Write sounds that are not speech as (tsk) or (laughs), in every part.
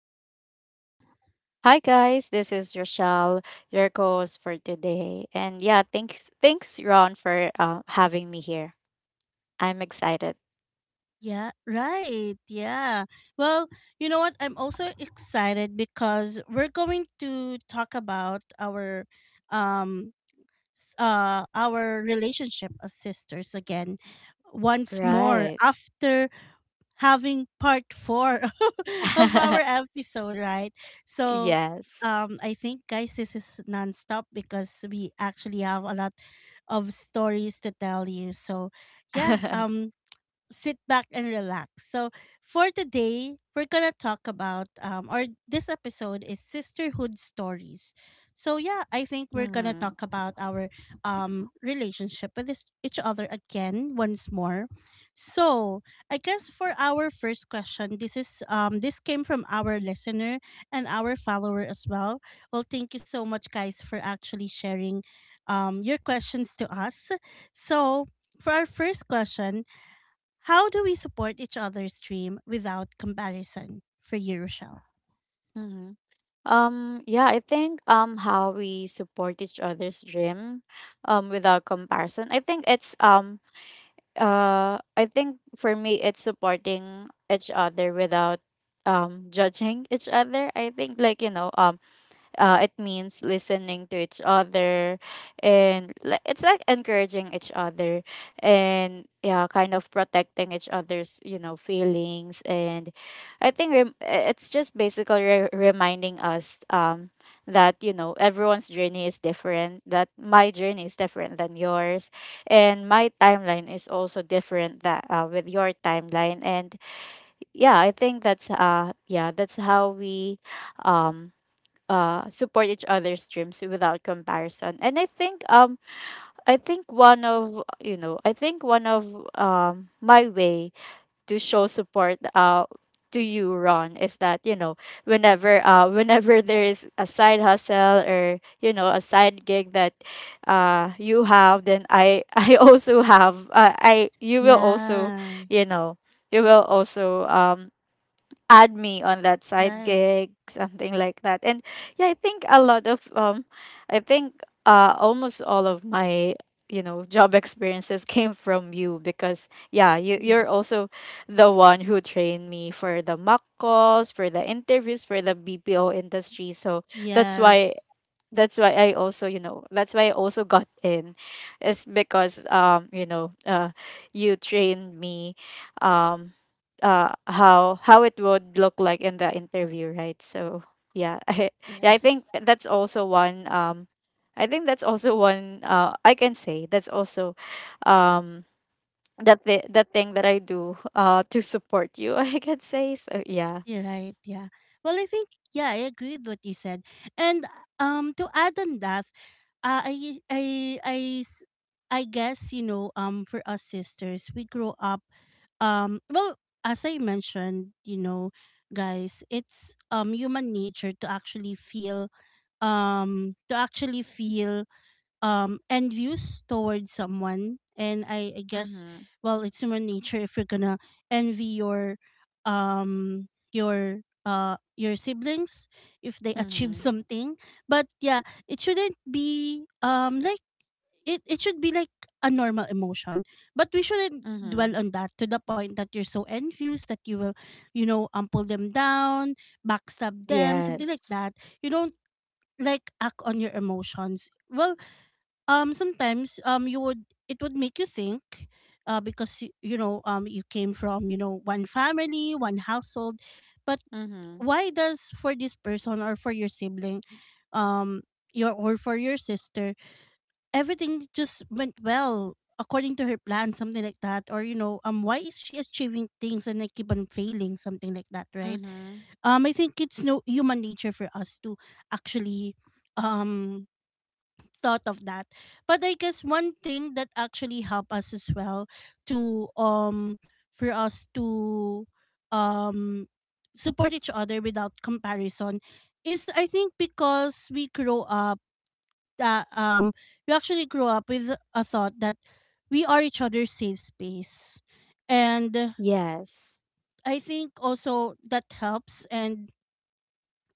Rochelle. Hi guys, this is Rochelle, your host for today. And yeah, thanks Ron for having me here. I'm excited. Yeah, right. Yeah. Well, you know what? I'm also excited because we're going to talk about our um our relationship as sisters again once more Right. after having part four (laughs) of our (laughs) episode, right? So, Yes. I think, guys, this is nonstop because we actually have a lot of stories to tell you. So, yeah, (laughs) um, sit back and relax. So, for today, we're going to talk about, or this episode is sisterhood stories. So, yeah, I think we're going to Hmm. talk about our relationship with each other again once more. So, I guess for our first question, this came from our listener and our follower as well. Well, thank you so much, guys, for actually sharing your questions to us. So, for our first question, how do we support each other's dream without comparison for you, Rochelle? Hmm. Yeah, I think how we support each other's dream without comparison. I think it's I think for me it's supporting each other without judging each other. I think it means listening to each other and it's like encouraging each other, and yeah, kind of protecting each other's feelings. And it's just basically reminding us that you know everyone's journey is different, that my journey is different than yours, and my timeline is also different that with your timeline. And yeah, I think that's yeah, that's how we um support each other's dreams without comparison. And I think I think one of you know I think one of my way to show support to you, Ron, is that you know whenever whenever there is a side hustle or you know a side gig that you have, then I (laughs) I also have, I you will also Yeah, you know you will also um add me on that side right. gig, something like that. And yeah, I think a lot of I think almost all of my you know job experiences (laughs) came from you, because yeah, you, you're Yes. also the one who trained me for the mock calls, for the interviews, for the BPO industry. So that's why, Yes. that's why I also, you know, that's why I also got in, is because you trained me, um, how it would look like in the interview, right? So yeah, (laughs) yeah, I think Yes. that's also one. I think that's also one. I can say that's also, um, that the thing that I do, to support you. (laughs) I can say so. Yeah. You're right. Yeah. Well, I think yeah, I agree with what you said. And to add on that, Uh, I I I s- I guess for us sisters we grow up well, as I mentioned, you know, guys, it's human nature to actually feel and towards someone, and I guess Mm-hmm. well it's human nature if you're gonna envy your your siblings if they achieve Mm-hmm. something. But yeah, it shouldn't be like it should be like a normal emotion, but we shouldn't Mm-hmm. dwell on that to the point that you're so envious that you will pull them down, backstab them, something like Yes. that. You don't like act on your emotions. Sometimes you would, it would make you think, because you know you came from, you know, one family, one household, but Mm-hmm. why does for this person or for your sibling, um your or for your sister everything just went well according to her plan, something like that? Or, you know, why is she achieving things and I keep on failing, something like that, right? Mm-hmm. I think it's no human nature for us to actually um thought of that. But I guess one thing that actually helped us as well to for us to um support each other without comparison is, I think because we grow up that we actually grow up with a thought that we are each other's safe space. And Yes. I think also that helps, and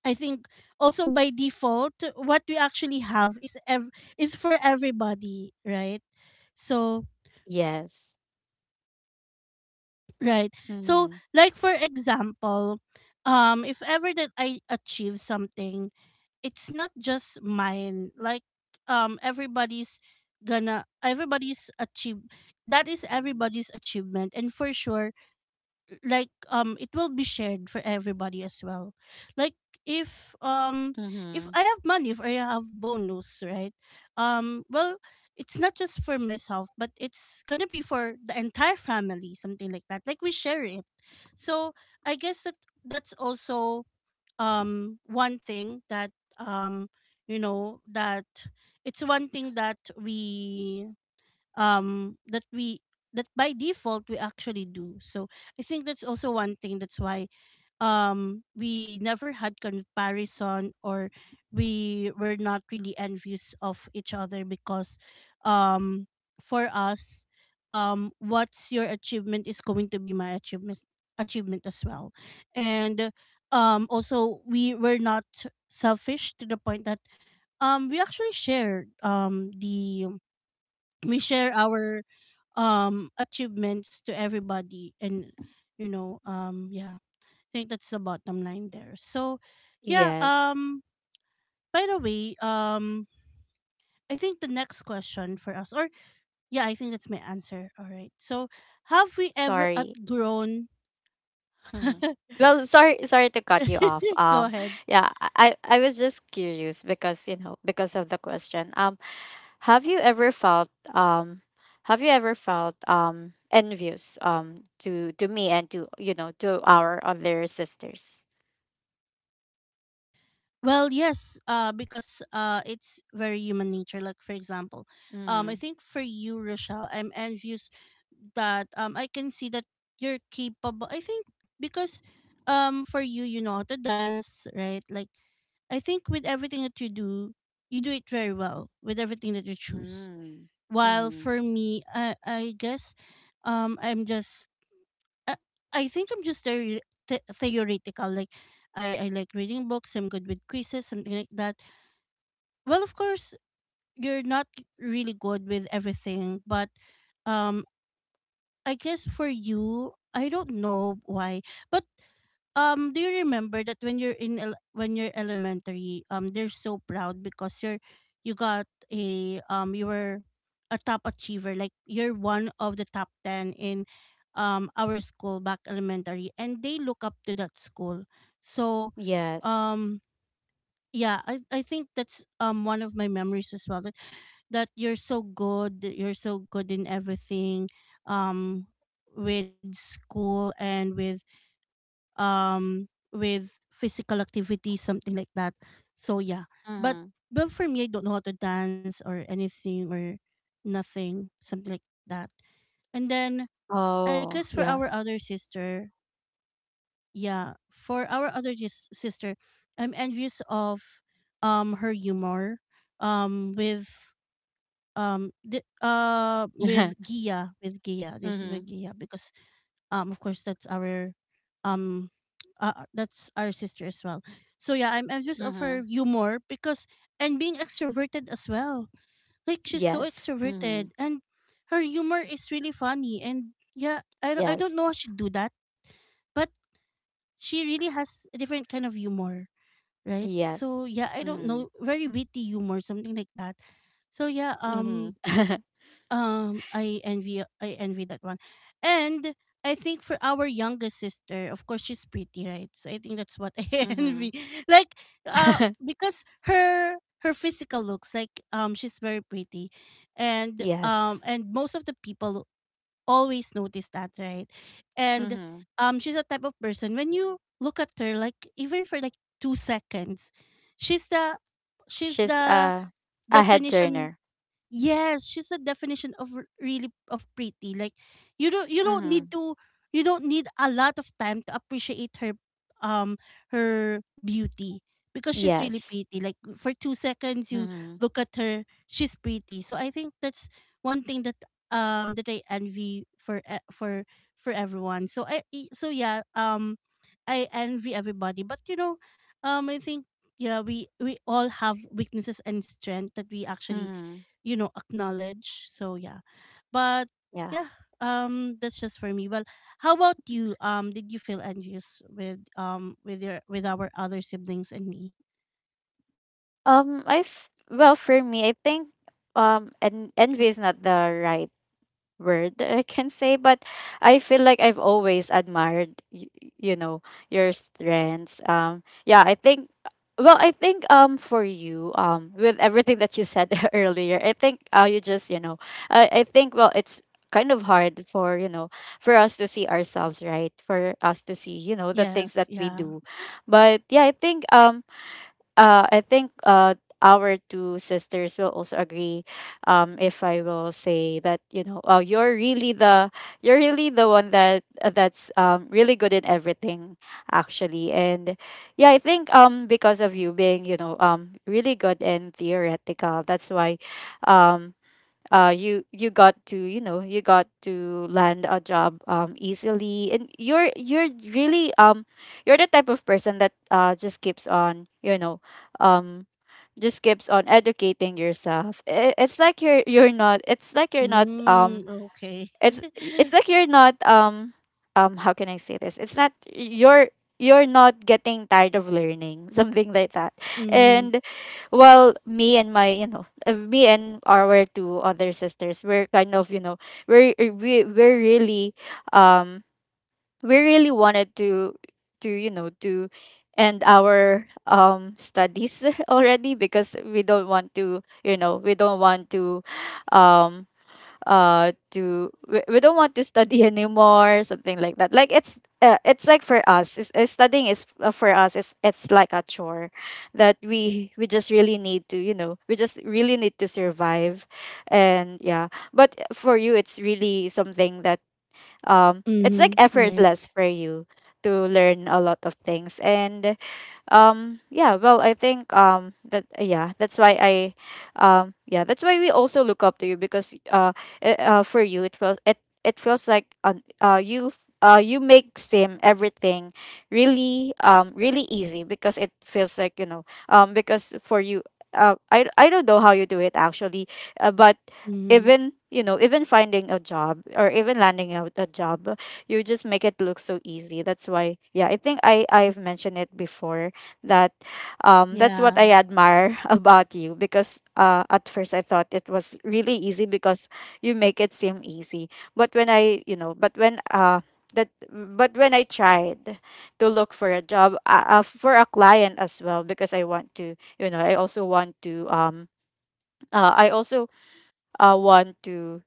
I think also by default, what we actually have is is for everybody, right? So Yes. right. So, Mm-hmm. like for example, if ever that I achieve something, it's not just mine. Like everybody's gonna everybody's achieve that is everybody's achievement, and for sure, like it will be shared for everybody as well. Like if um if Mm-hmm. I have money, if I have bonus, right? Well, it's not just for myself, but it's gonna be for the entire family, something like that, like we share it. So I guess that that's also one thing that um you know that it's one thing that we that we that by default we actually do. So I think that's also one thing that's why we never had comparison, or we were not really envious of each other because um for us, what's your achievement is going to be my achievement as well. And also, we were not selfish to the point that um we actually shared um the we share our achievements to everybody. And yeah, I think that's the bottom line there. So yeah, Yes. By the way I think the next question for us, or yeah, I think that's my answer, all right. So have we ever Sorry. outgrown Mm-hmm. (laughs) Well, sorry to cut you off. go ahead. (sighs) yeah, I was just curious because you know because of the question. Have you ever felt um, have you ever felt envious to me and to you know to our other sisters? Well, yes, because it's very human nature. Like, for example, I Mm-hmm. think for you, Rochelle, I'm envious that I can see that you're capable. I think because for you, you know how to dance, right? Like I think with everything that you do it very well with everything that you choose. Mm-hmm. While Mm-hmm. for me, I guess, I'm just uh, I think I'm just very theoretical. Like, I like reading books. I'm good with quizzes, something like that. Well, of course, you're not really good with everything, but um, I guess for you, I don't know why, but do you remember that when you're in when you're elementary, they're so proud because you got a you were a top achiever, like you're one of the top ten in our school back elementary, and they look up to that school. So, Yes. um, yeah, I think that's one of my memories as well, that you're so good, that you're so good in everything, um with school and um with physical activity, something like that. So yeah. But Mm-hmm. well, for me, I don't know how to dance or anything, or nothing, something like that. And then I guess for our Oh, other yeah. sister, yeah, for our other sister, I'm envious of her humor um with with (laughs) Gia. This is Mm-hmm. with Gia because of course um that's our sister as well. So yeah, I'm envious of her Mm-hmm. humor because and being extroverted as well. Like she's so Yes. Mm-hmm. extroverted, and her humor is really funny, and yeah, I don't Yes. know how she do that, but she really has a different kind of humor, right? Yes. So yeah, I don't Mm-hmm. know, very witty humor, something like that. So yeah, Mm-hmm. I envy that one. And I think for our youngest sister, of course, she's pretty, right? So I think that's what (laughs) I Mm-hmm. envy, like, (laughs) because her her physical looks like she's very pretty, Yes. and most of the people always notice that, right? And Mm-hmm. She's a type of person when you look at her, like even for like 2 seconds, she's the she's She's the a head definition. turner. Yes, she's the definition of really of pretty. Like you don't, you don't Mm-hmm. need to, you don't need a lot of time to appreciate her um her beauty because she's really Yes. pretty. Like for 2 seconds you Mm-hmm. look at her, she's pretty. So I think that's one thing that that I envy for for everyone. So so yeah, um, I envy everybody. But you know, um, I think yeah, we all have weaknesses and strength that we actually Mm-hmm. Acknowledge. So yeah, but Yeah. yeah, um, that's just for me. Well, how about you? Um, did you feel envious with your, with our other siblings and me? Well, for me, I think envy is not the right word that I can say, but I feel like I've always admired you know your strengths. Yeah, I think. Well, I think for you, with everything that you said (laughs) earlier, I think you just you know I think well it's kind of hard for you know for us to see ourselves, right, for us to see you know the things Yes. that we Yeah. do. But yeah, I think uh, I think uh, our two sisters will also agree. If I will say that you know, you're really the, you're really the one that that's really good in everything, actually. And yeah, I think because of you being you know really good in theoretical, that's why, um you you got to you know you got to land a job easily. And you're really you're the type of person that just keeps on you know um just keeps on educating yourself. It's like you're not it's like you're not Mm, okay. it's (laughs) it's like you're not um how can I say this? It's not you're not getting tired of learning (laughs) something like that. Mm, And well, me and my you know me and our two other sisters, we're kind of you know we're really um we really wanted to you know to end our studies (laughs) already, because we don't want to you know we don't want to um we don't want to study (laughs) anymore, something like that. Like it's like for us studying is for us it's like a chore that we just really need to you know we just really need to survive. And yeah, but for you, it's really something that it's like mm-hmm. Right. effortless for you to learn a lot of things. And yeah, well I think that's why I yeah that's why we also look up to you, because for you it feels it feels like you you make sim everything really really easy, because it feels like you know because for you, I don't know how you do it actually, but Mm-hmm. even you know even finding a job or even landing a job, you just make it look so easy. That's why yeah, I think I've mentioned it before that that's what Yeah. I admire (laughs) about you, because at first I thought it was really easy because you make it seem easy. But when I, you know, but when that but when I tried to look for a job, for a client as well, because I want to, you know, I also want to I also want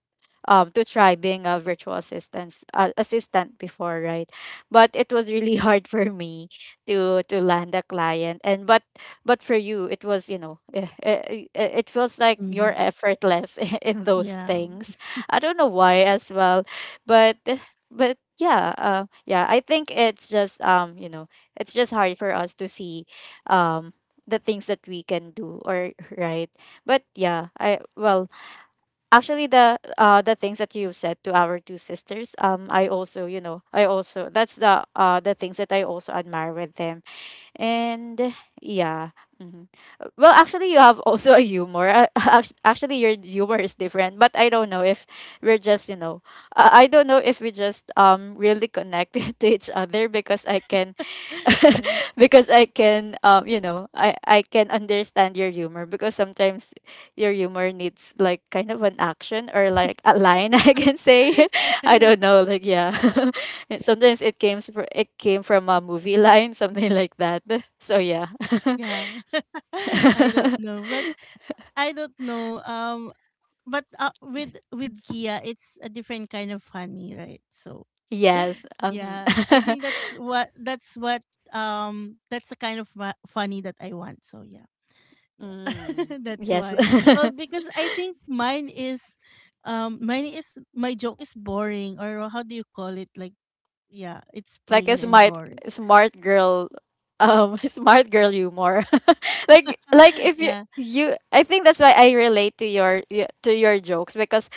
to try being a virtual assistant, assistant before, right? But it was really (laughs) hard for me to land a client. And but for you it was you know it feels like Mm-hmm. you're effortless (laughs) in those Yeah. things. I don't know why as well. but but yeah, yeah, I think it's just you know, it's just hard for us to see um the things that we can do, or right? But yeah, I well actually the things that you've said to our two sisters, I also you know I also that's the things that I also admire with them. And yeah. Mhm. Well, actually, you have also a humor. (laughs) Actually, your humor is different, but I don't know if we're just, you know, I don't know if we just really connect (laughs) to each other, because (laughs) (laughs) Right. because I can, you know, I can understand your humor, because sometimes your humor needs like kind of an action or like a line, (laughs) I can say. (laughs) (laughs) I Right. don't know, like yeah. (laughs) And sometimes it it came from a movie (laughs) line, something like that. (laughs) So yeah. (laughs) Yeah. (laughs) I don't know, but I don't know but with Kia, it's a different kind of honey, right? So Yes. Yeah, I think that's what, that's the kind of funny that I want. So yeah, (laughs) yeah, Mm. (laughs) that's Yes. why. Well, (laughs) because I think mine is, mine is, my joke is boring, or how do you call it? Like yeah, it's Like a plain and smart, boring. smart girl (laughs) smart girl humor. (laughs) Like (laughs) if you, Yeah. you, I think that's why I relate to your to your jokes, because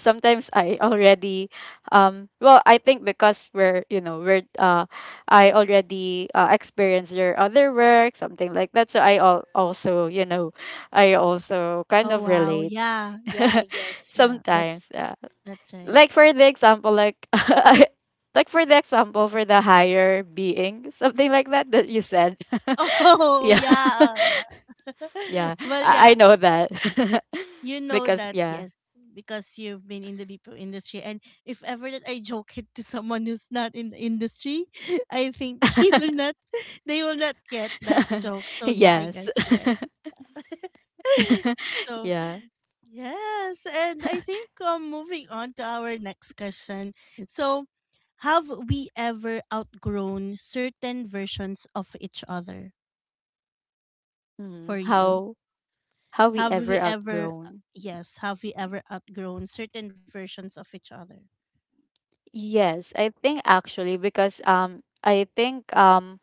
sometimes I already well I think because we're you know we're I already experienced your other work, something like that, so I also you know I also kind Oh of wow. relate. Yeah. (laughs) Yeah. I guess. Yeah. Sometimes yeah, That's right. like for the example like, (laughs) like for the example for the higher being, something like that, that you said. (laughs) (laughs) Oh Yeah, yeah. Oh, Yeah. (laughs) yeah, Well, I yeah. know that You (laughs) know because that, yeah. yes, because you've been in the BPO industry. And if ever that I joke it to someone who's not in the industry, (laughs) I think they will not (laughs) they will not get that joke. (laughs) So yeah, I Yes. guess right. (laughs) (laughs) So Yeah. yes, and I think moving on to our next question. So have we ever outgrown certain versions of each other for mm, you? how how we Have ever we ever, outgrown, yes, have we ever outgrown certain versions of each other? yes, I think actually because I think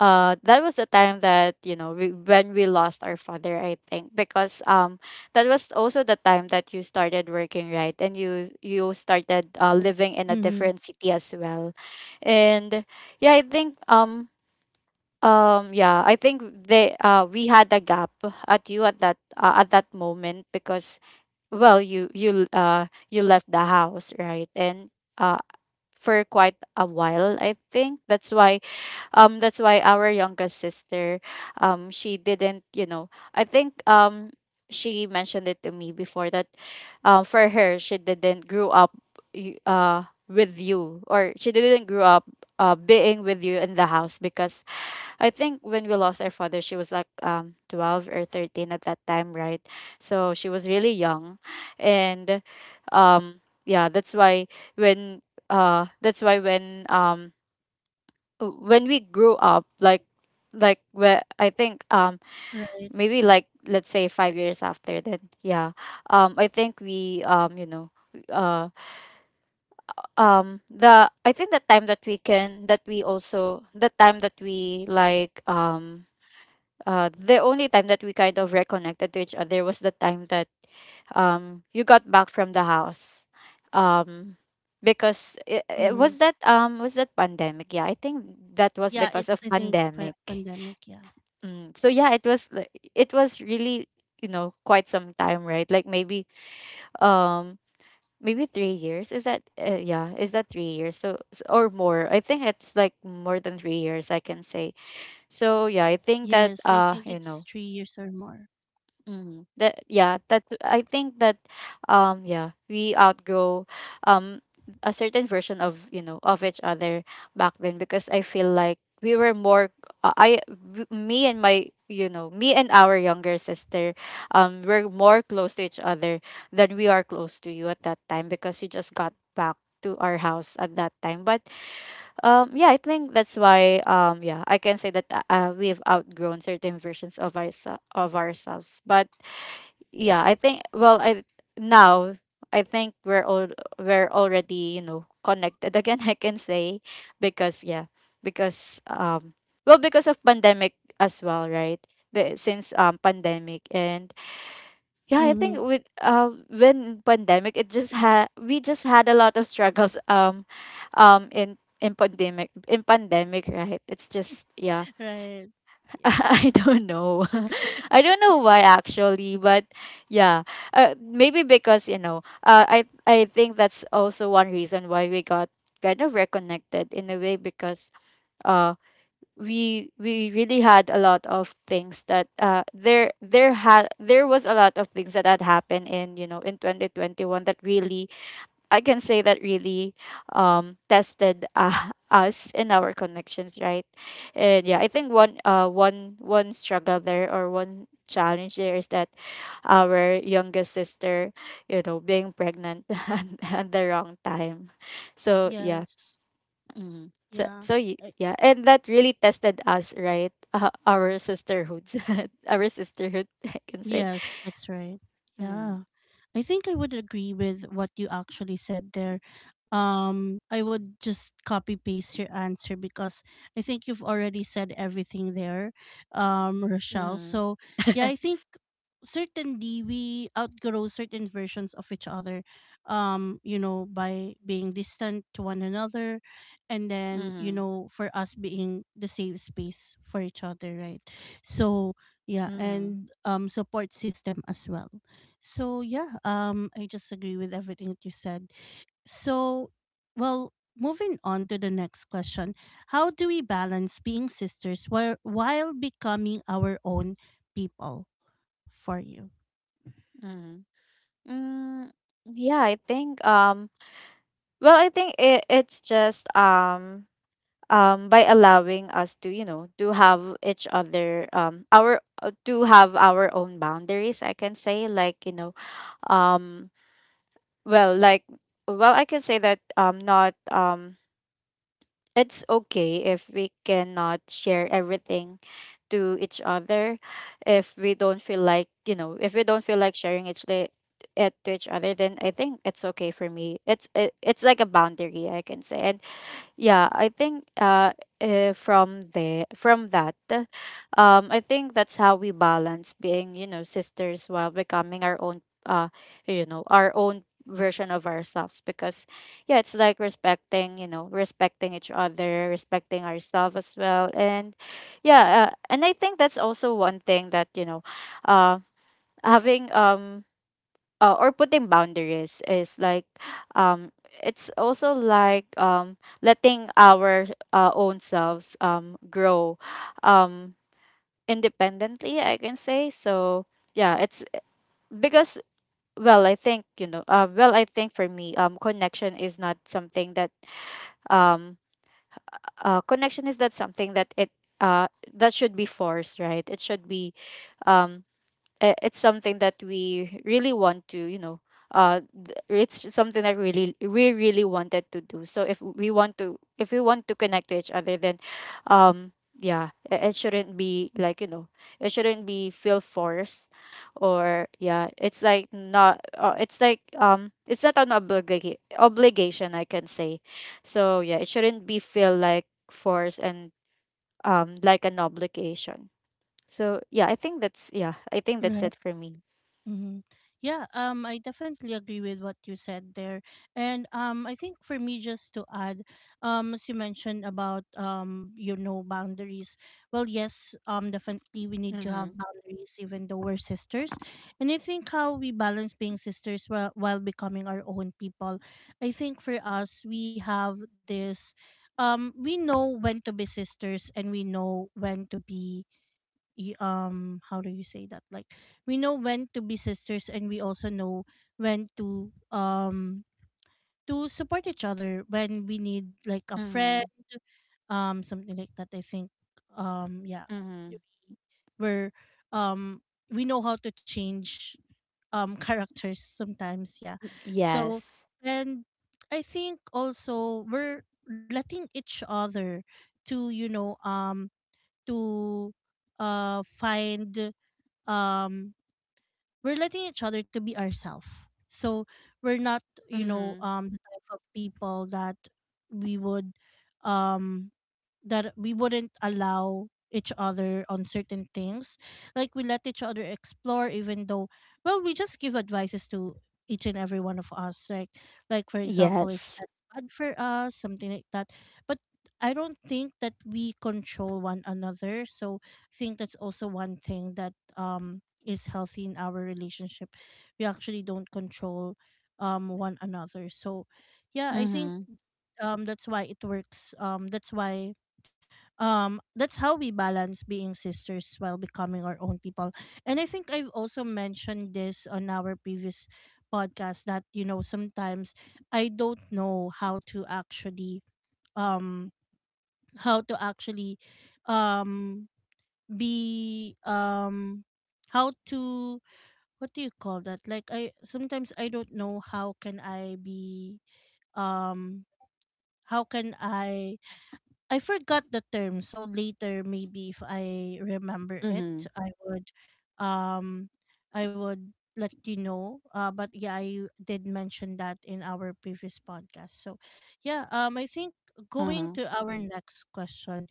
that was the time that you know when we lost our father. I think because that was also the time that you started working, right, and you started living in a Mm-hmm. different city as well. And yeah, I think yeah, I think they we had a gap at that moment, because well you left the house, right, and uh for quite a while. I think that's why our youngest sister, she didn't, you know, I think she mentioned it to me before that for her she didn't grow up with you, or she didn't grow up being with you in the house, because I think when we lost our father she was like 12 or 13 at that time, right? So she was really young. And um yeah, that's why when uh that's why when um when we grew up, like where I think Right. maybe like let's say 5 years after, then yeah, I think we you know uh the I think the time that we also the time that we like the only time that we kind of reconnected to each other was the time that you got back from the house. um because it Mm-hmm. Was that pandemic, yeah, I think that was Yeah, because it's, of I think, pandemic. pandemic. Yeah. Mm. So yeah, it was like it was really, quite some time, right? Like maybe um maybe 3 years. Is that yeah? Is that 3 years? So or more? I think it's like more than 3 years, I can say. So yeah, I Yes, I think think that it's three years or more. Mhm. That yeah, that I think that yeah, we outgrow um a certain version of, of each other back then because I feel like we were more me and my me and our younger sister were more close to each other than we are close to you at that time because you just got back to our house at that time. But yeah, I think that's why yeah, I can say that we've outgrown certain versions of ourselves. But yeah, I think, well I now I think we're all we're already, you know, connected again (laughs) I can say, because yeah, because well, because of pandemic as well, right? Since pandemic and yeah, I Mm-hmm. think with when pandemic, it just had we just had a lot of struggles, in in pandemic, right? It's just yeah. Right. (laughs) I Yes. don't know. (laughs) I don't know why actually, but yeah, maybe because, you know, I think that's also one reason why we got kind of reconnected in a way because uh we really had a lot of things that there was a lot of things that had happened in, you know, in 2021 that really, I can say that really tested, (laughs) us in our connections, right? And yeah, I think one struggle there or one challenge there is that our youngest sister, you know, being pregnant (laughs) at the wrong time. So yeah. Yes. Mm. So Yeah. so y- I- yeah, and that really tested us, right? Our sisterhoods, (laughs) our sisterhood, I can say. yes, that's right. Yeah. Mm. I think I would agree with what you actually said there. I would just copy paste your answer because I think you've already said everything there, Rochelle. Mm. So yeah, I (laughs) think certainly we outgrow certain versions of each other by being distant to one another, and then, you Mm. know, for us being the safe space for each other, right? So yeah, Mm. and support system as well. So yeah, I just agree with everything that you said. So, well, moving on to the next question: How do we balance being sisters while becoming our own people? For you, Hmm. (laughs) Mm, yeah, I think well, I think it's just by allowing us to, you know, to have each other our to have our own boundaries, I can say, like, you know, um well, like, well, I can say that not it's okay if we cannot share everything to each other if we don't feel like, you know, if we don't feel like sharing it to each other, then I think it's okay. For me, it's it's like a boundary, I can say. And yeah, I think from the from that I think that's how we balance being, you know, sisters while becoming our own you know, our own version of ourselves because yeah, it's like respecting, you know, respecting each other, respecting ourselves as well. And yeah, and I think that's also one thing that, you know, uh having or putting boundaries is like um it's also like letting our own selves grow um independently, I can say. So yeah, it's because, well I think, you know, well, I think for me, connection is not something that um connection is not something that it uh that should be forced, right? It should be um it's something that we really want to, you know, it's something that really we really wanted to do. So if we want to, if we want to connect to each other, then um yeah, it shouldn't be like, you know, it shouldn't be feel forced, or yeah, it's like not it's like, it's not an obligation, I can say. So yeah, it shouldn't be feel like forced and like an obligation. So yeah, I think that's, yeah, I think that's it for me. mm-hmm. Yeah, I definitely agree with what you said there, and I think for me just to add, as you mentioned about boundaries. Well, yes, definitely we need to have Mhm. boundaries, even though we're sisters, and I think how we balance being sisters while becoming our own people. I think for us, we have this, we know when to be sisters, and we know when to be how do you say that, like we know when to be sisters and we also know when to support each other when we need like a friend, Mhm. Something like that, I think, um yeah Mhm. where um we know how to change, (laughs) characters sometimes, yeah. Y- So Yes. and I think also we're letting each other to to find, um we're letting each other to be ourselves, so we're not, Mhm. The type of people that we would um that we wouldn't allow each other on certain things. Like we let each other explore, even though, well, we just give advices to each and every one of us. Right, like for example, if Yes. that's bad for us, something like that. But I don't think that we control one another. So I think that's also one thing that is healthy in our relationship. We actually don't control one another. So yeah, I think Mhm. That's why it works. That's why that's how we balance being sisters while becoming our own. And I think I've also mentioned this on our previous podcast that, you know, sometimes I don't know um how to actually um be how to, what do you call that, like I sometimes I don't know how can I be um how can I forgot the term, so later maybe if I remember it, Mhm. I would um I would let you know. But yeah, I did mention that in our previous podcast. So yeah, I think going Uh-huh. to our next question,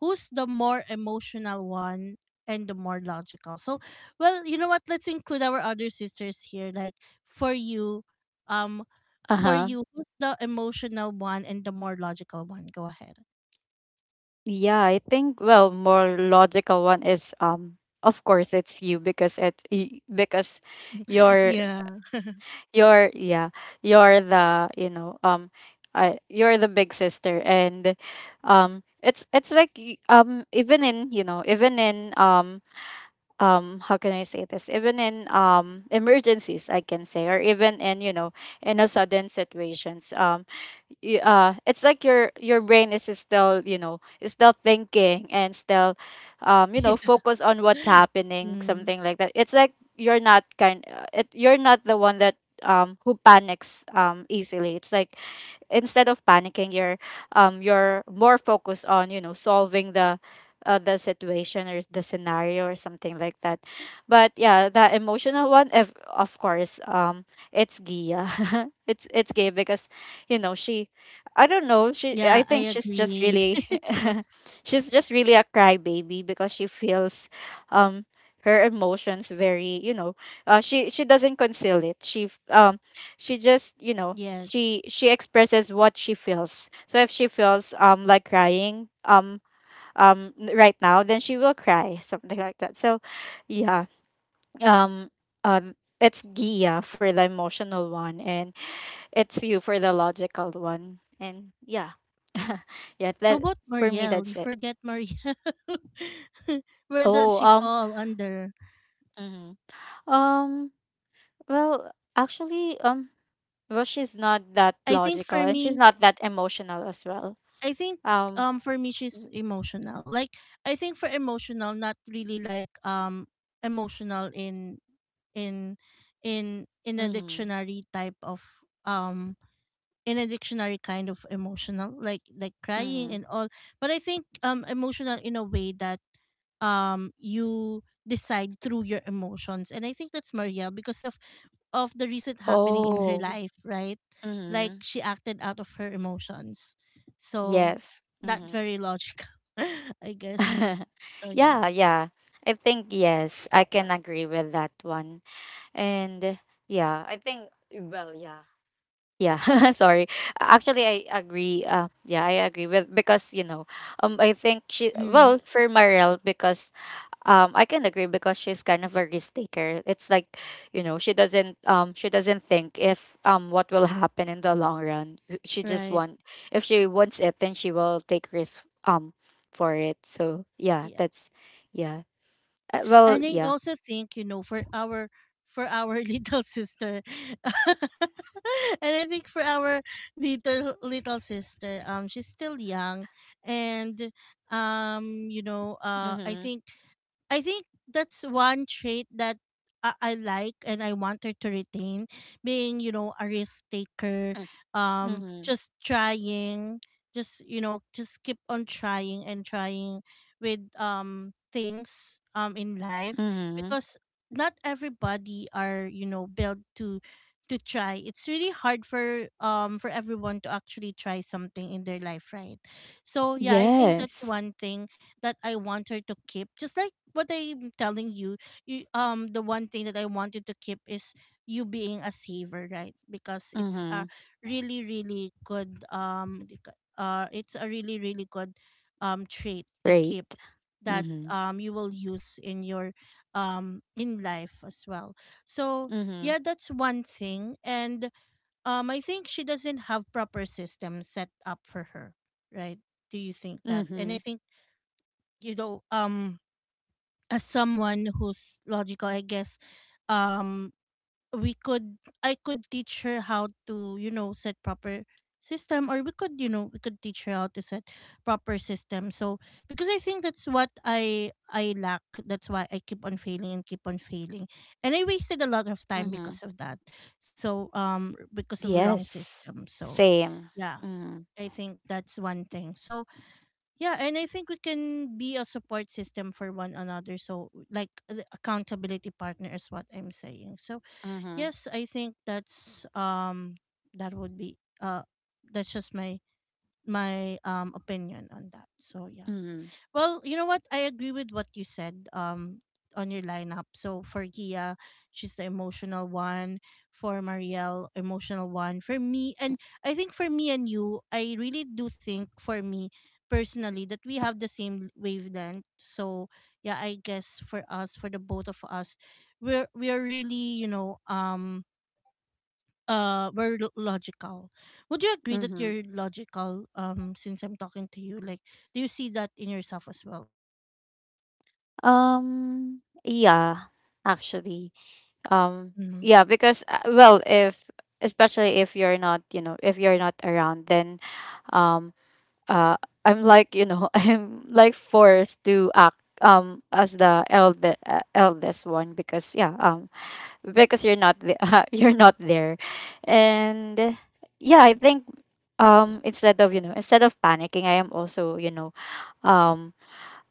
who's the more emotional one and the more logical? So well, you know what? Let's include our other sisters here. Like for you, um for Uh-huh. you, who's the emotional one and the more logical one? Go ahead. Yeah, I think, well, more logical one is of course it's you because because (laughs) you're Yeah. Yeah, you're the, you know, I you're the big sister, and even in, you know, even in how can I say this, even in emergencies, I can say, or even in, you know, in a sudden situations, it's like your brain is still, you know, is still thinking and still, you know, Yeah. focus on what's happening, Mm. something like that. It's like you're not kind, you're not the one that who panics easily. It's like instead of panicking, you're more focused on, you know, solving the situation or the scenario or something like that. But yeah, the emotional one, of course, it's Gia. (laughs) It's Gia because, you know, she, I don't know, she, Yeah, I I think she's just agree. really, (laughs) (laughs) she's just really a crybaby because she feels um her emotions very, you know, she doesn't conceal it. She just, you know, Yes. she expresses what she feels. So if she feels, like crying, right now, then she will cry, (laughs) something like that. So yeah, um um it's Gia for the emotional one and it's you for the logical one. And yeah, (laughs) yeah, How that about for me, Marielle? You that's it. forget Marielle. (laughs) Where does Oh, she fall under? mhm. um well, actually, well, she's not that I think logical for and she's me, not that emotional as well. I think um for me she's emotional. Like I think for emotional, not really like emotional in in in a mm-hmm. dictionary type of, um in a dictionary kind of emotional, like crying Mm-hmm. and all, but I think emotional in a way that you decide through your emotions, and I think that's Marielle because of the recent happening in her Oh. life, right? Like Mhm. she acted out of her emotions, so Yes. not Mhm. very logical, (laughs) I guess. (laughs) So Yeah, yeah. yeah. I think yes, I can agree with that one. And yeah, I think, well, yeah. Yeah, (laughs) sorry. Actually, I agree. Yeah, I agree with, because you know, I think she, Mm, well for Mariel because, um, I can agree because she's kind of a risk taker. It's like, you know, she doesn't, she doesn't think if, what will happen in the long run. She just right, want, if she wants it, then she will take risk, for it. So yeah, yeah. that's yeah. Well, And I yeah. also think, you know, for our (laughs) little sister (laughs) and I think for our little sister, she's still young, and um, you know, uh I Mhm. think I think that's one trait that I like and I want her to retain, being, you know, a risk taker, Mm. Mhm. just trying, just, you know, just keep on trying and trying with things in life, Mhm. because not everybody are, you know, built to try. It's really hard for everyone to actually try something in their life, right? So yeah, I think that's Yes. one thing that I want her to keep. Just like what I'm telling you, you the one thing that I wanted to keep is you being a saver, right? Because it's a Mhm. really really good it's a really really good trait to Right. keep, that Mhm. You will use in your in life as well. So Mhm. yeah, that's one thing. And I think she doesn't have proper system set up for her, right? Do you think that? And I Mhm. think, you know, as someone who's logical, I guess, um we could, I could teach her how to, you know, set proper system, or we could, you know, we could teach her how to set proper system. So because I think that's what I lack, that's why I keep on failing and keep on failing, and I wasted a lot of time Mhm. because of that. So because of wrong Yes. system. So Same. yeah, Mhm. I think that's one thing. So yeah, and I think we can be a support system for one another. So, like the accountability partner is what I'm saying. So, Mhm. yes, I think that's that would be that's just my my opinion on that. So yeah. Mhm. Well, you know what? I agree with what you said on your lineup. So for Gia, she's the emotional one. For Marielle, emotional one. For me, and I think for me and you, I really do think for me personally that we have the same wavelength. So yeah, I guess for us, for the both of us, we are really, you know, we're logical. Would you agree that Mhm. you're logical since I'm talking to you? Like do you see that in yourself as well? Yeah, actually. Um, Mhm, yeah, because, well, if especially if you're not, you know, if you're not around, then um uh I'm like, you know, (laughs) I'm like forced to act as the eldest one because yeah, because you're not the, (laughs) you're not there. And yeah, I think instead of, you know, instead of panicking, I am also, you know, um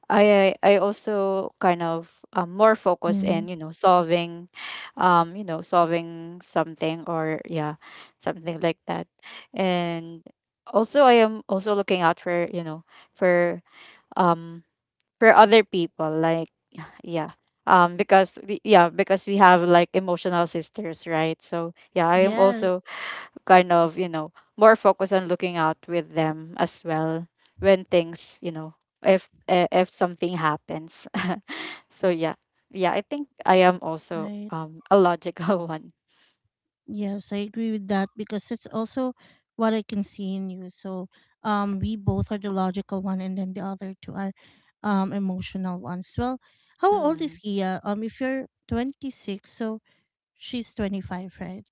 I also kind of, more focus mhm. in, you know, solving, you know, solving something or yeah, something like that. And also I am also looking out for, you know, for um for other people, like yeah, because we, yeah because we have like emotional sisters, right? So yeah, I am Yes, also kind of, you know, more focused on looking out with them as well when things, you know, if if something happens. (laughs) So yeah. Yeah, I think I am also right. A logical (laughs) one. Yes, I agree with that, because it's also what I can see in you. So, we both are the logical one, and then the other two are, emotional ones. Well, how old Mm. is Gia? If you're 26, so she's 25, right?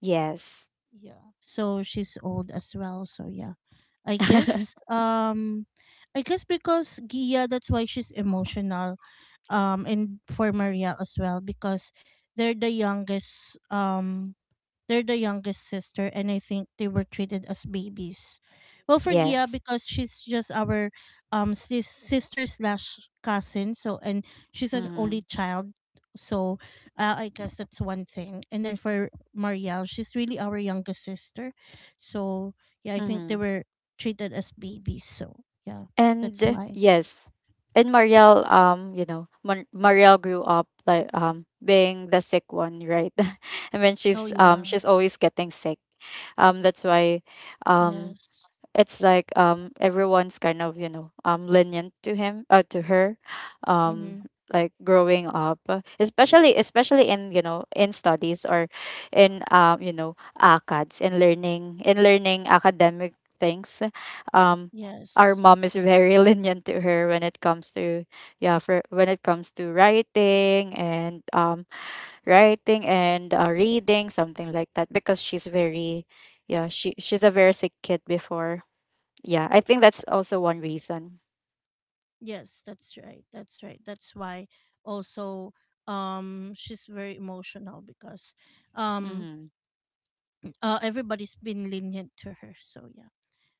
Yes. Yeah. So she's old as well. So yeah, I guess. (laughs) I guess because Gia, that's why she's emotional, and for Maria as well, because they're the youngest, they're the youngest sister, and I think they were treated as babies. Well for Gia Yes. because she's just our sister slash cousin, so, and she's an only Mm-hmm. child, so, I guess that's one thing. And then for Marielle, she's really our youngest sister. So yeah, I think they Mm-hmm. were treated as babies. So yeah, And that's why. yes, and Marielle, you know, Marielle grew up like, being the sick one, right? (laughs) And when Oh she's, yeah, she's always getting sick, that's why, um yes. it's like, everyone's kind of, you know, lenient to him to her, Mm-hmm. um like growing up, especially in, you know, in studies or in, you know, acads, in learning, in learning academic things, um our Yes. mom is very (laughs) lenient to her when it comes to, yeah, for when it comes to writing and, writing and, reading, something like that, because she's very, yeah, she's a very sick kid before. Yeah, I think that's also one reason. Yes, that's right. That's right. That's why also she's very emotional because um Mm-hmm. Everybody's been lenient to her. So yeah.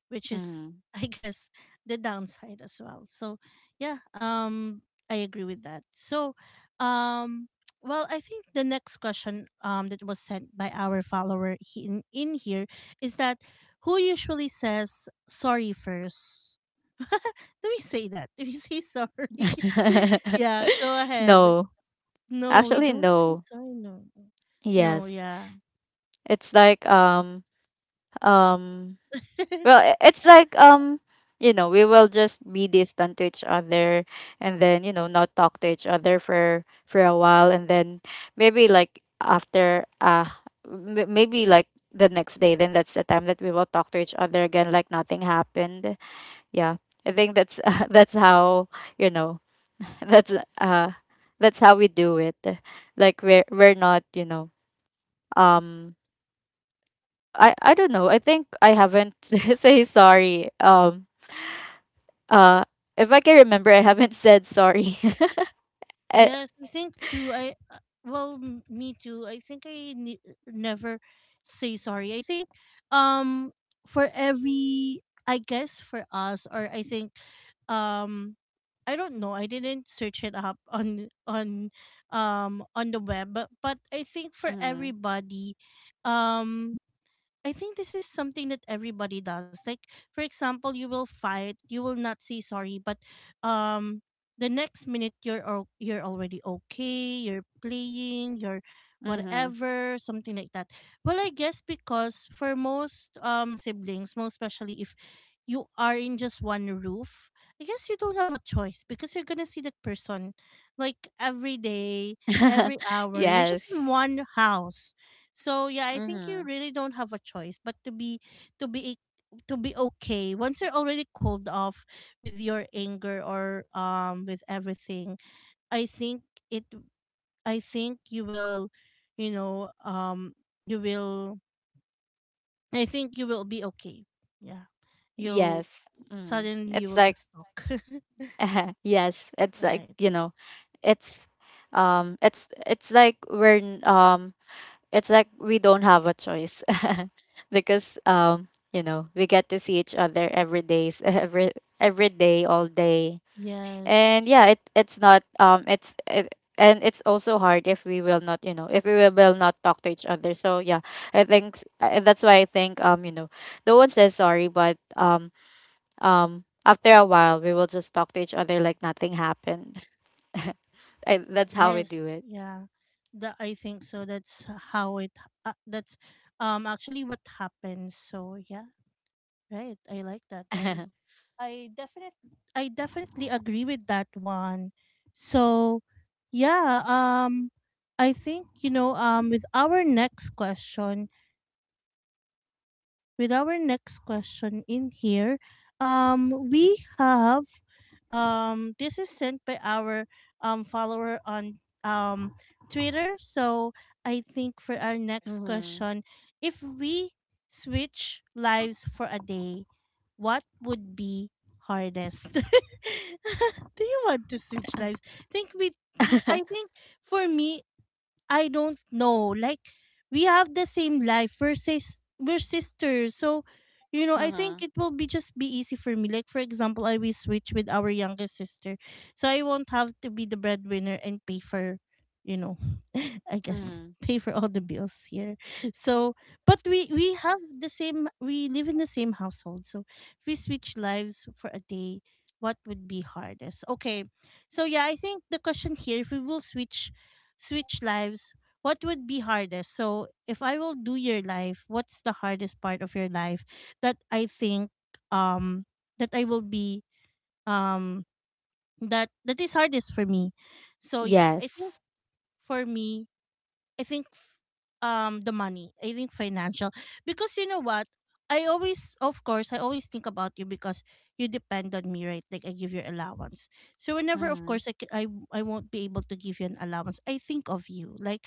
Which is Mm-hmm. (laughs) I guess the downside as well. So yeah, I agree with that. So um (tsk) well I think the next question that was sent by our follower in here is that, who usually says sorry first? (laughs) Do we say that? (laughs) Do we say sorry? (laughs) Yeah, go (laughs) ahead. No, No, we actually, don't say no. sorry. No, no, Yes, yeah. it's like um. Well, (laughs) it's like, You know, we will just be distant to each other, and then, you know, not talk to each other for a while, and then maybe like after maybe like the next day, then that's the time that we will talk to each other again, like nothing happened. Yeah, I think that's (laughs) that's how, you know, (laughs) that's uh that's how we do it. Like we're not, you know, um I don't know, I think I haven't (laughs) say sorry, uh if I can remember, I haven't said sorry. (laughs) Uh, Yes, I think too. I well, me too. I think never say sorry. I think um for every, I guess for us, or I think um I don't know. I didn't search it up (laughs) on on the web, but I think for mm-hmm, everybody um I think this is something that everybody does. Like for example, you will fight, you will not say sorry, but um the next minute you're already okay, you're playing, you're mm-hmm. whatever, something like that. Well, I guess because for most siblings, most especially if you are in just one roof, I guess you don't have a choice because you're gonna see that person like every day, every (laughs) hour. You're just in Yes. one house. So yeah, I think you Mm-hmm. really don't have a choice but to be to be to be okay once you're already cooled off with your anger or with everything. I think it I think you will, you know, you will, I think you will be okay. Yeah. You'll Yes. Suddenly, you It's will like just talk. (laughs) yes, it's like, (laughs) Right. It's it's like It's like we don't have a choice. (laughs) Because you know, we get to see each other every day, (laughs) every day, all day. Yes. And yeah, it's not and it's also hard if we will not, if we will not talk to each other, so yeah. I think that's why I think, you know, no one says sorry but after a while we will just talk to each other like nothing happened. (laughs) That's how we Yes, do it. yeah. That I think so. That's how it. That's actually what happens. So yeah, right. I like that, and (laughs) I definitely agree with that one. So yeah, I think, you know, with our next question, with our next question in here, we have this is sent by our follower on Twitter. So I think for our next Mm-hmm. question, if we switch lives for a day, what would be hardest? (laughs) Do you want to switch (laughs) lives? Think we Mm-hmm. I think for me I don't know. Like we have the same life. We're we're sisters. So, you know, I Mm-hmm. think it will be just be easy for me. Like for example, I will switch with our youngest sister. So I won't have to be the breadwinner and pay for, you know, (laughs) I guess pay for all the bills here. So, but we have the same we live in the same household. So, if we switch lives for a day, what would be hardest? Okay. So yeah, I think the question here if we will switch switch lives, what would be hardest? So if I will do your life, what's the hardest part of your life that I think um that I will be, um that is hardest for me. So yeah, I think Yes. for me, I think the money. I think financial, because you know what, I always, of course, I always think about you because you depend on me, right? Like, I give your allowance. So whenever, of Mm-hmm. course, I won't be able to give you an allowance, I think of you. Like,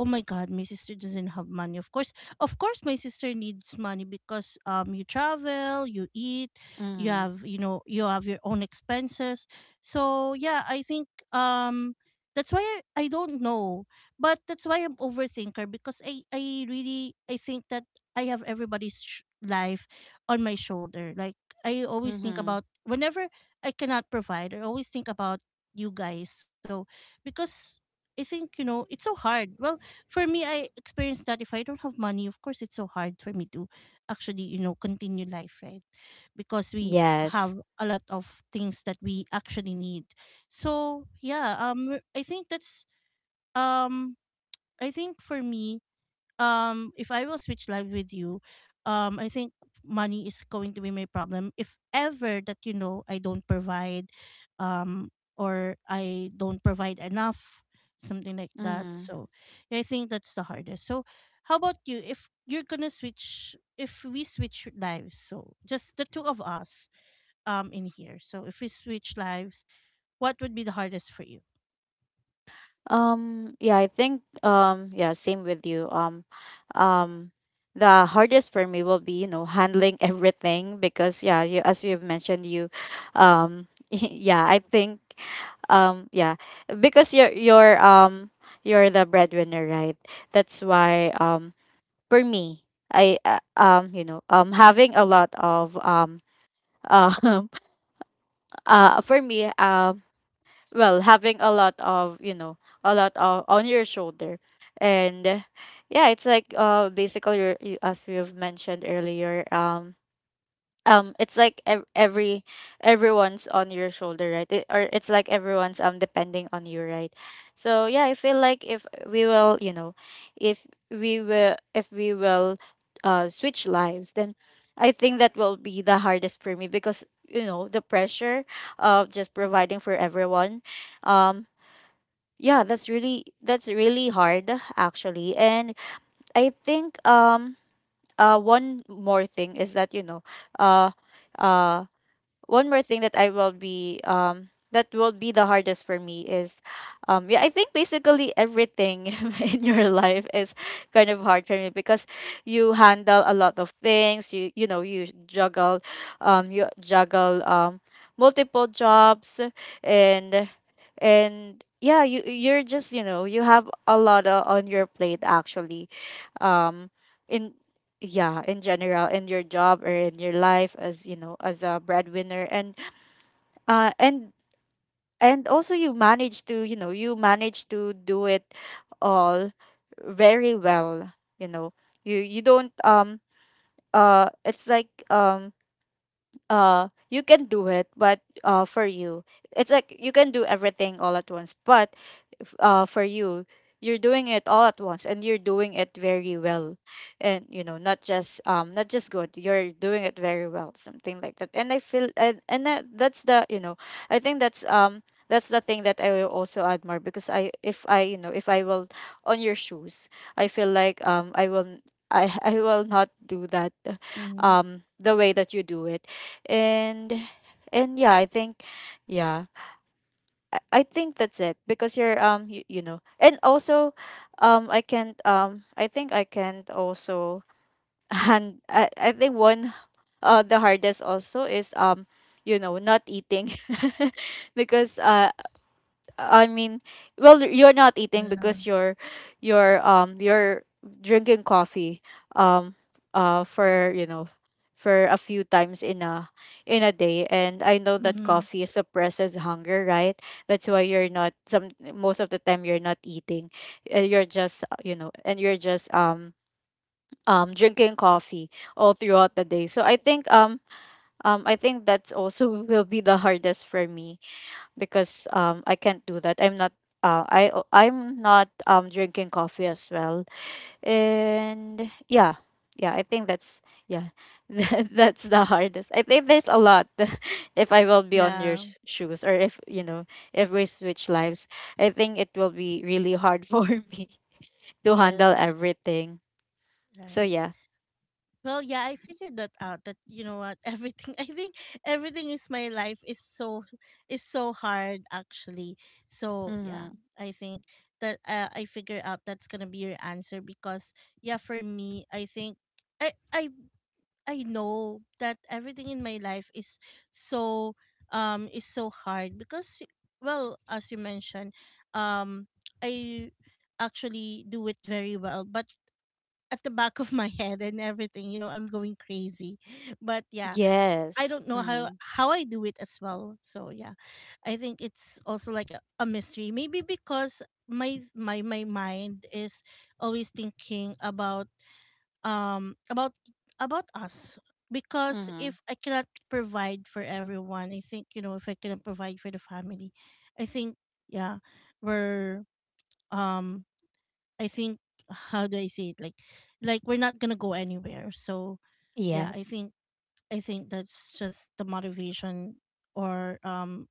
oh my god, my sister doesn't have money. Of course, of course my sister needs money because, you travel, you eat, you Mm-hmm. have, you know, you have your own expenses. So yeah, I think, that's why I don't know, but that's why I'm overthinker, because I really, I think that I have everybody's life on my shoulder. Like, I always think Mm-hmm. about whenever I cannot provide, I always think about you guys. So, because I think, you know, it's so hard. Well, for me, I experienced that if I don't have money, of course, it's so hard for me to actually, you know, continue life, right? Because we have Yes. a lot of things that we actually need. So yeah, I think that's, um, I think for me, if I will switch live with you, I think money is going to be my problem. If ever that, you know, I don't provide, um or I don't provide enough, something like that. Mm-hmm. So yeah, I think that's the hardest. So how about you? If you're gonna switch, if we switch lives, so just the two of us in here. So if we switch lives, what would be the hardest for you? Yeah, I think, yeah, same with you. Um the hardest for me will be, you know, handling (laughs) everything because yeah, as you've mentioned, you (laughs) yeah, I think, yeah, because you're you're the breadwinner, right? That's why, for me, I you know, having a lot of um (laughs) for me, well, having a lot of, you know, a lot of on your shoulder, and yeah, it's like, basically, you, as we have mentioned earlier, it's like, everyone's on your shoulder, right, or it's like everyone's depending on you, right, so yeah, I feel like if we will, if we will switch lives, then I think that will be the hardest for me because, you know, the pressure of just providing for everyone. um yeah, that's really hard actually. And I think one more thing is that, you know, uh uh one more thing that I will be, that will be the hardest for me is, yeah, I think basically everything (laughs) in your life is kind of hard for me because you handle a lot of things. You know, you juggle, you juggle, multiple jobs. And and yeah, you're just, you know, you have a lot on your plate actually. Um in Yeah, in general, in your job or in your life, as you know, as a breadwinner. And and also you manage to, you know, you manage to do it all very well. You know, you don't it's like, you can do it but for you it's like you can do everything all at once. But if, for you, you're doing it all at once and you're doing it very well. And you know, not just, not just good, you're doing it very well, something like that. And I feel, and that's the, you know, I think that's, that's the thing that I will also admire because I if I, you know, if I will, on your shoes, I feel like, I, (laughs) I will not do that, Mm-hmm. The way that you do it. And and yeah, I think, yeah, i, I think that's it because you're, you, you know. And also, I can't, I think I can't also. (laughs) And I think, one the hardest also is, you know, not eating. (laughs) Because I mean, well, you're not eating Yeah. because you're you're drinking coffee, um for, you know, for a few times in a day. And I know that Mm-hmm. coffee suppresses hunger, right? That's why you're not, some most of the time, you're not eating. You're just, you know, and you're just, drinking coffee all throughout the day. So I think, I think that's also (laughs) will be the hardest for me because, I can't do that. I'm not, drinking coffee as well. And yeah. Yeah, I think that's, yeah. (laughs) That's the hardest. I think there's a lot (laughs) if I will be on your Yeah. Shoes, or if, you know, if we switch lives, I think it will be really hard (laughs) for me to Yes. handle everything. So Right. yeah. Well, yeah, I figured that out. That, you know what, (laughs) everything. I think everything is, my life is so, is so hard actually. So Mhm. yeah, I think that, I figure out that's gonna be your answer because yeah, for me, I think I I know that everything in my life is so, is so hard because well, as you mentioned, um I actually do it very well, but at the back of (laughs) my head and everything, you know, I'm going crazy. (laughs) But yeah, I Yes. don't know how Mhm. how I do it as well. So yeah, I think it's also like a mystery maybe because my my mind is always thinking about, um about about us. Because Mhm. if I cannot provide for everyone, I think, you know, if I cannot provide for the family, I think, yeah, we're, um I think, how do I say it? Like we're not gonna go anywhere. So yeah, I Yes. think, I think that's just the motivation, or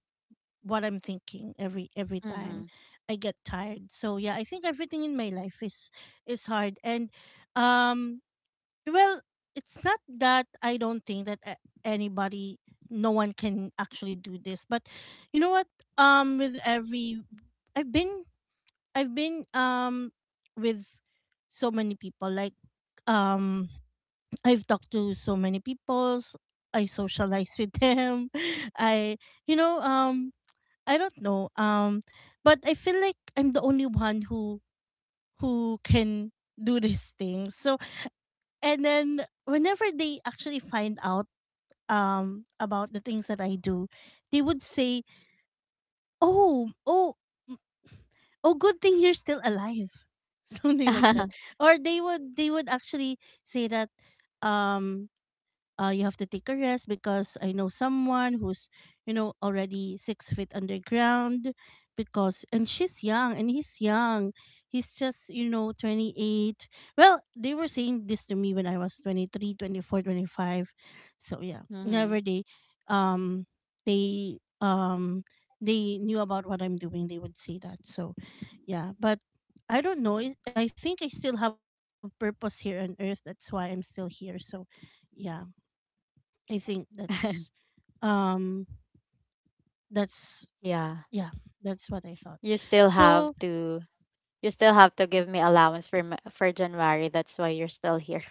what I'm thinking every time Mhm. I get tired. So yeah, I think everything in my life is hard. And, um well, it's not that I don't think that anybody, no one can actually do this, but you know what? With every, I've been, I've been, with so many people. Like, um, I've talked to so many people. I socialize with them. (laughs) I, you know, um, I don't know. But I feel like I'm the only one who can do this thing. And then whenever they actually find out about the things that I do, they would say, "Oh, oh, mm, oh, good thing you're still alive," (laughs) something like that. (laughs) Or they would actually say that, um, you have to take a rest because I know someone who's, you know, already 6 feet underground because, and she's young and he's young. He's just, you know, 28. Well, they were saying this to me when I was 23, 24, 25. So, yeah, Mhm. never um, they, they knew about what I'm doing. They would say that. So, yeah, but I don't know. I think I still have purpose here on earth. That's why I'm still here. So, yeah. I think that's, (laughs) um that's, Yeah. yeah, that's what I thought. you still So have to you still have to give me allowance for for January. That's why you're still here.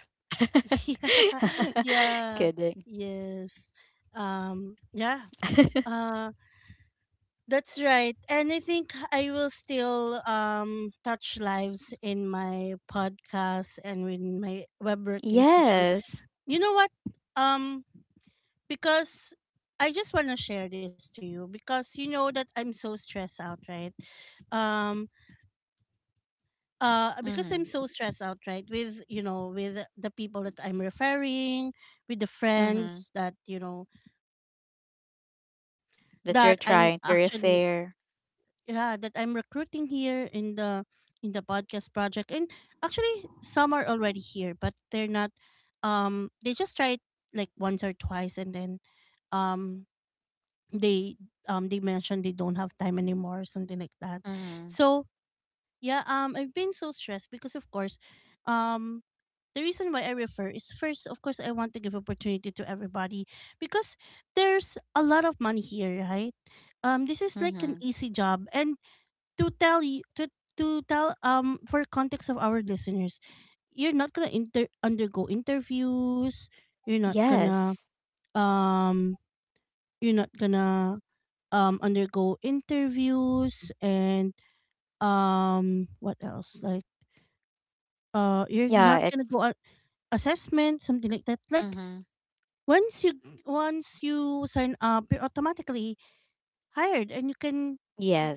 (laughs) (laughs) yeah, yeah, Kidding. yes. Yeah. (laughs) Uh that's right. And I think I will still touch lives in my podcast and in my Webwork Institute. Yes. You know what? Um because I just want to share this to you because you know that I'm so stressed out, right? um because I'm Mhm. so stressed out, right, with, you know, with the people that I'm referring, with the Mhm. friends that, you know, That you're that I'm trying to actually, repair. yeah, that I'm recruiting here in the, in the podcast project. And actually some are already here, but they're not, they just try it like once or twice. And then, um they, they mentioned they don't have time anymore or something like that. Mhm. So yeah, I've been so stressed because of course, um the reason why I refer is, first, of course, I want to give opportunity to everybody because there's a lot of money here, right? This is like an Mhm. easy job, and to tell you, to tell, for context of our listeners, you're not gonna undergo interviews. You're not gonna, Yes. um you're not gonna, undergo interviews and, what else, like, you're Yeah, not gonna it's go on assessment, something like that. Like, mhm. Once you once you sign up, you're automatically hired and you can,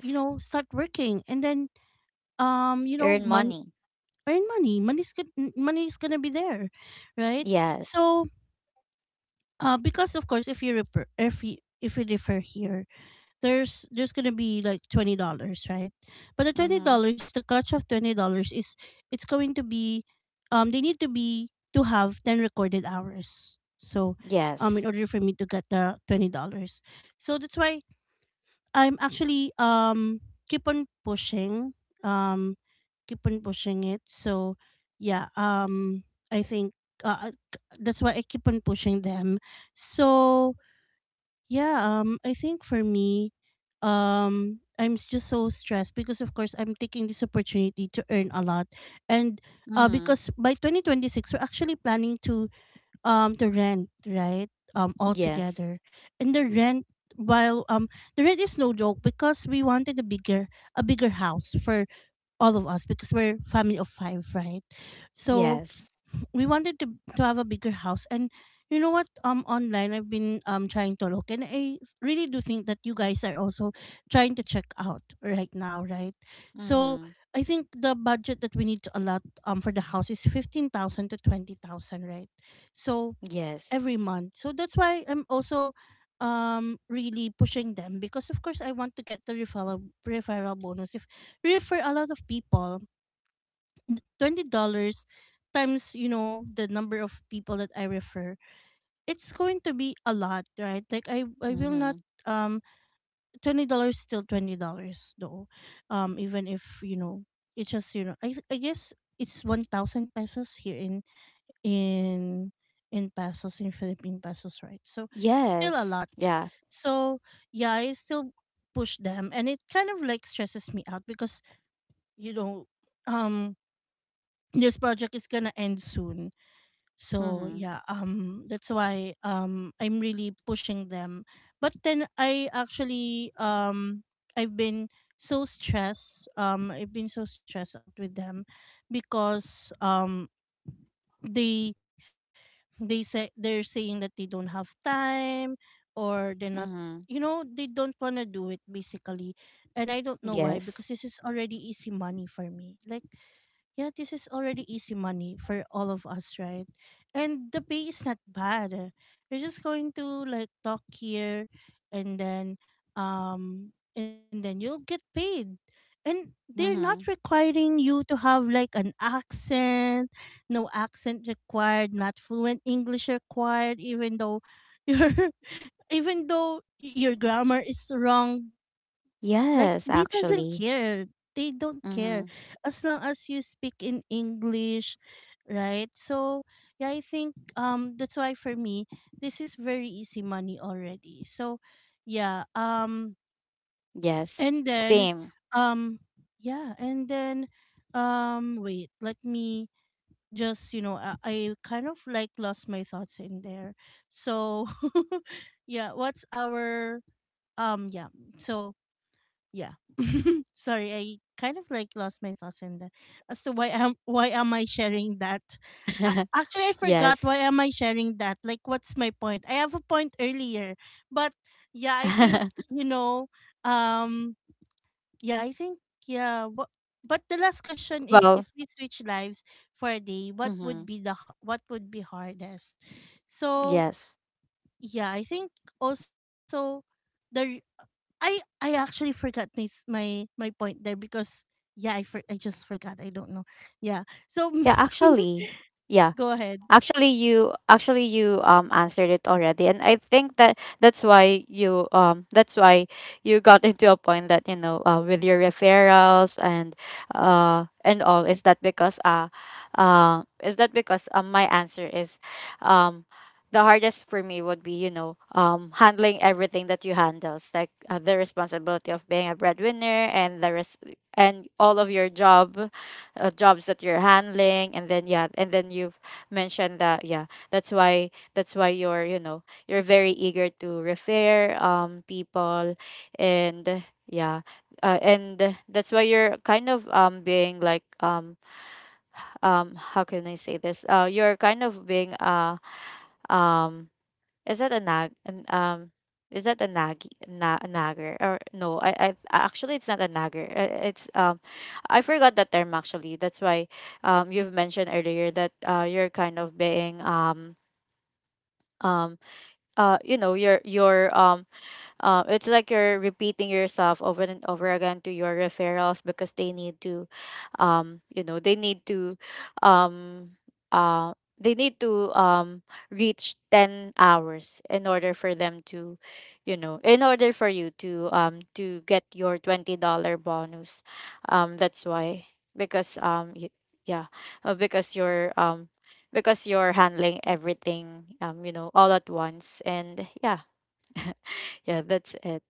you know, start working. And then, you know, Earn money. earn money. Money's good, money is going to be there, right? Yes. So, because of course, if you refer, if you refer here, there's gonna be like $20, right? But the twenty Mhm. dollars, the catch of $20 is, it's going to be, they need to be to have 10 recorded hours. So, in Yes. order for me to get the $20. So that's why I'm actually, keep on pushing. Um keep on pushing it. So yeah, I think, that's why I keep on pushing them. So yeah, I think for me, I'm just so stressed because of course I'm taking this opportunity to earn a lot. And Mhm. because by 2026, we're actually planning to, to rent, right, all Yes. together. And the rent, while, the rent is no joke because we wanted a bigger, a bigger house for all of us because we're family of 5, right? So Yes. we wanted to have a bigger house. And, you know what, online, I've been, trying to look, and I really do think that you guys are also trying to check out right now, right? So Mhm. I think the budget that we need to allot, for the house is 15,000 to 20,000, right? So Yes. every month. So that's why I'm also, really pushing them, because of course I want to get the referral bonus. If we refer a lot of people, $20 times, you know, the number of people that I refer, it's going to be a lot, right? Like I will not, Mhm. um $20 still $20 though, even if, you know, it's just, you know, I guess it's 1,000 pesos here in in pesos, in Philippine pesos, right? So still a Yes. lot. Yeah. So yeah, I still push them, and it kind of like stresses me out because, you know, um this project is gonna end soon. So Mhm. yeah, that's why, I'm really pushing them. But then I actually, I've been so stressed. I've been so stressed out with them because, they they say, they're saying that they don't have time, or they're not, Mm-hmm. you know, they don't wanna do it basically. And I don't know why, because Yes. this is already easy money for me. Like, yeah, this is already easy money for all of us, right? And the pay is not bad. You're just going to like talk here and then, and then you'll get paid. And they're not Mm-hmm. requiring you to have like an accent, no accent required, not fluent English required, even though (laughs) your, even though your grammar is wrong, like Yes, B doesn't actually. care. They don't Mm-hmm. care, as long as you speak in English, right? So yeah, I think that's why for me, this is very easy money already. So yeah, Yes. and then, Same. um yeah, and then, wait, let me just, you know, I kind of like lost my thoughts in there. So (laughs) yeah, what's our, yeah. So yeah (laughs) sorry, I kind of like lost my thoughts in that as to why am, (laughs) why am I sharing that. A (laughs) actually I forgot Yes. why am I sharing that, like what's my point? I have a point earlier, but yeah, I think, (laughs) you know um yeah, I think, yeah, what, but the last question is, Well, if we switch lives for a day, what mm-hmm. would be the what would be hardest? So Yes. yeah, I think also the r- I actually forgot my my point there because yeah, I just forgot. I don't know. Yeah. So Yeah, (laughs) actually. Yeah, go ahead. actually, you answered it already. And I think that's why you, that's why you got (laughs) into a point that, you know, with your referrals and all. Is that because, is that because, my answer is, um the hardest for me would be, you know, handling everything that you handles, like, the responsibility of being a breadwinner and the and all of your jobs that you're handling. And then yeah, and then you mentioned that, yeah, that's why you're, you know, you're very eager to refer people. And yeah. And that's why you're kind of, being like, how can I say this? You're kind of being, um is that a is that a nag na a nagger? Or no, I actually, it's not a nagger. It's, I forgot that term actually. That's why, you've mentioned earlier that, you're kind of being, um you know, your, it's like you're repeating yourself over and over again to your referrals because they need to, you know, um, uh, they need to reach 10 hours in order for them to, you know, in order for you to, to get your $20 bonus. That's why. Because, yeah. Because you're, because you're handling everything, you know, all at once. And yeah. (laughs) Yeah, that's it.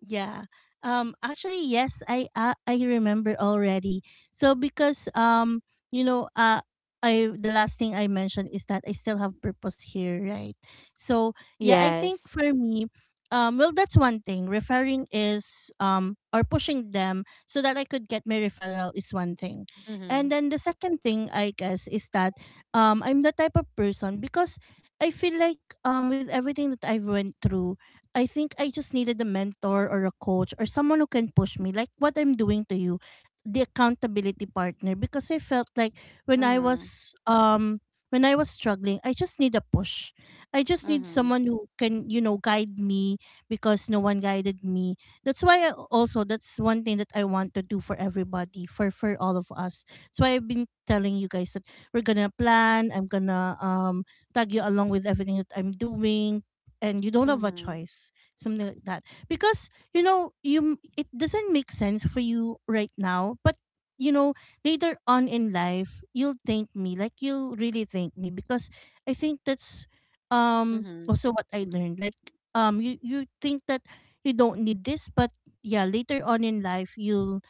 Yeah. Actually yes, I remember already. So because you know, I, the last thing I mentioned is that I still have purpose here, right? So yeah, I think Yes. for me, well that's one thing. Referring is, or pushing them so that I could get my referral, is one thing. Mm-hmm. And then the second thing I guess is that, I'm the type of person because I feel like, with everything that I've went through, I think I just needed a mentor or a coach or someone who can push me, like what I'm doing to you, the accountability partner. Because I felt like when I Mm-hmm. was um when I was struggling, I just need a push. I just need Mm-hmm. someone who can, you know, guide me, because no one guided me. That's why I also, that's one thing that I want to do for everybody, for all of us. That's why I've been telling you guys that we're gonna plan. I'm gonna tag you along with everything that I'm doing, and you don't have a Mm-hmm. choice, something like that, because you know, you, it doesn't make sense for you right now, but you know, later on in life you'll thank me, like you'll really thank me, because I think that's, Mm-hmm. also what I learned, like, you, you think that you don't need this, but yeah, later on in life you'll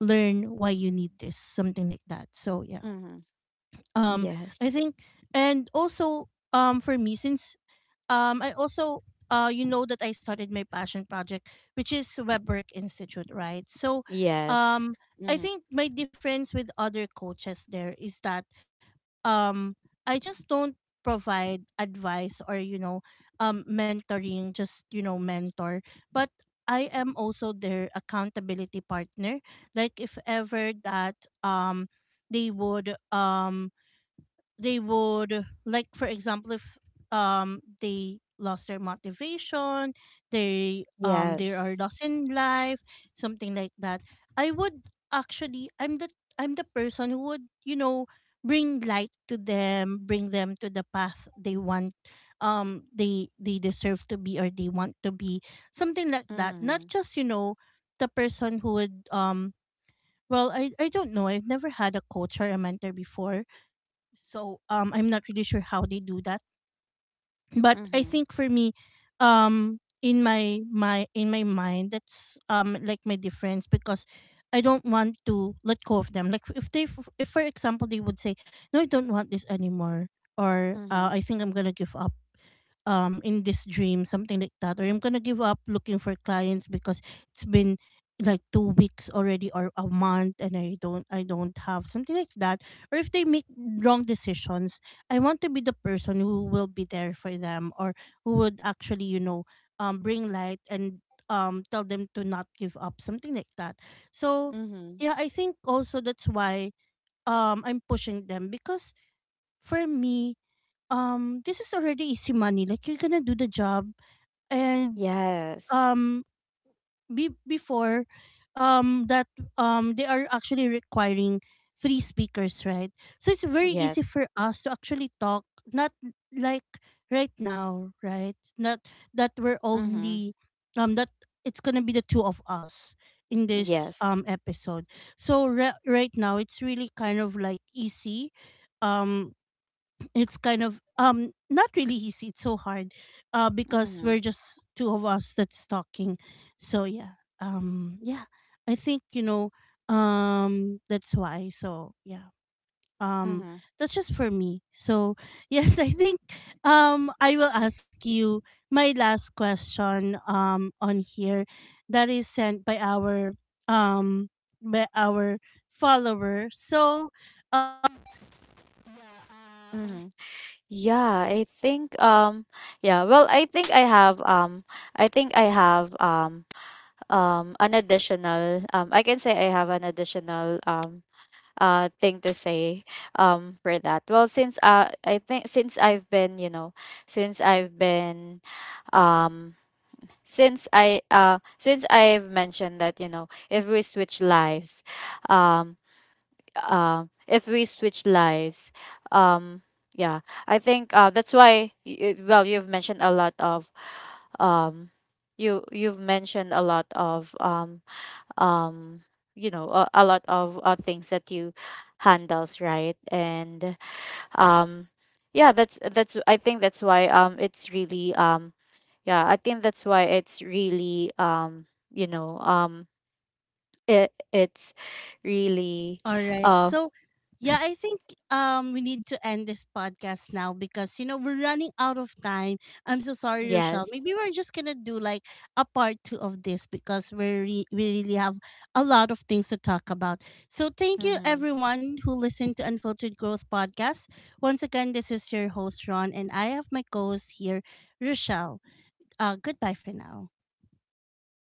learn why you need this, something like that. So yeah. Mm-hmm. um I Yes. think, and also, for me, since, I also, you know that I started my passion project, which is WebWork Institute, right? So, Yes. um, I Mm-hmm. think my difference with other coaches there is that, um, I just don't provide advice, or, you know, mentoring, just, you know, mentor, but, I am also their accountability partner. Like if ever that, they would, they would, like, for example, if they lost their motivation, they are Yes. lost in life, something like that, I would, actually, I'm the person who would, you know, bring light to them, bring them to the path they want, they deserve to be, or they want to be, something like that. Mm-hmm. Not just, you know, the person who would, well, I don't know, I've never had a coach or a mentor before, so I'm not really sure how they do that, but I Mm-hmm. think for me, in my mind, that's, like my difference, because I don't want to let go of them. Like if they, if for example, they would say, "No, I don't want this anymore," or Mm-hmm. "I think I'm gonna give up." In this dream, something like that. Or I'm gonna give up looking for clients because it's been like two weeks already, or a month, and I don't, I don't have, something like that. Or if they make wrong decisions, I want to be the person who will be there for them, or who would actually, you know, bring light, and tell them to not give up, something like that. So Mm-hmm. yeah, I think also that's why, I'm pushing them, because for me, this is already easy money, like you're gonna do the job. And Yes. um before, that they are actually requiring three speakers, right? So it's very easy Yes. for us to actually talk, not like right now, right? Not that we're Mm-hmm. only, that it's gonna be the two of us in this Yes. Episode. So right now it's really kind of like easy, um it's kind of, not really easy, it's so hard, uh, because Mm-hmm. we're just two of us that's talking. So yeah, yeah, I think, you know, that's why. So yeah, um Mm-hmm. that's just for me. So (laughs) yes, I think I will ask you my last question on here, that is sent by our, um, by our follower. So Mm-hmm. Yeah, I think, yeah, well, I think I have, I think I have um an additional, I can say I have an additional, thing to say, for that. Well, since, I think since I've been, you know, since i've been um since I since I've mentioned that, you know, if we switch lives, um if we switch lives, um yeah, I think, that's why, well, you've mentioned a lot of, um you've mentioned a lot of, um you know, a lot of, things that you handles, right. And, um yeah, that's, I think that's why, it's really, yeah, I think that's why it's really, you know, it's really, all right. uh So yeah, I think we need to end this podcast now, because you know, we're running out of time. I'm so sorry, Rochelle. yes. Maybe we're just gonna do like a part two of this, because we we really have a lot of things to talk about. So thank you Mm-hmm. everyone who listened to Unfiltered Growth podcast. Once again, this is your host Ron, and I have my co-host here, Rochelle. Goodbye for now. Bye.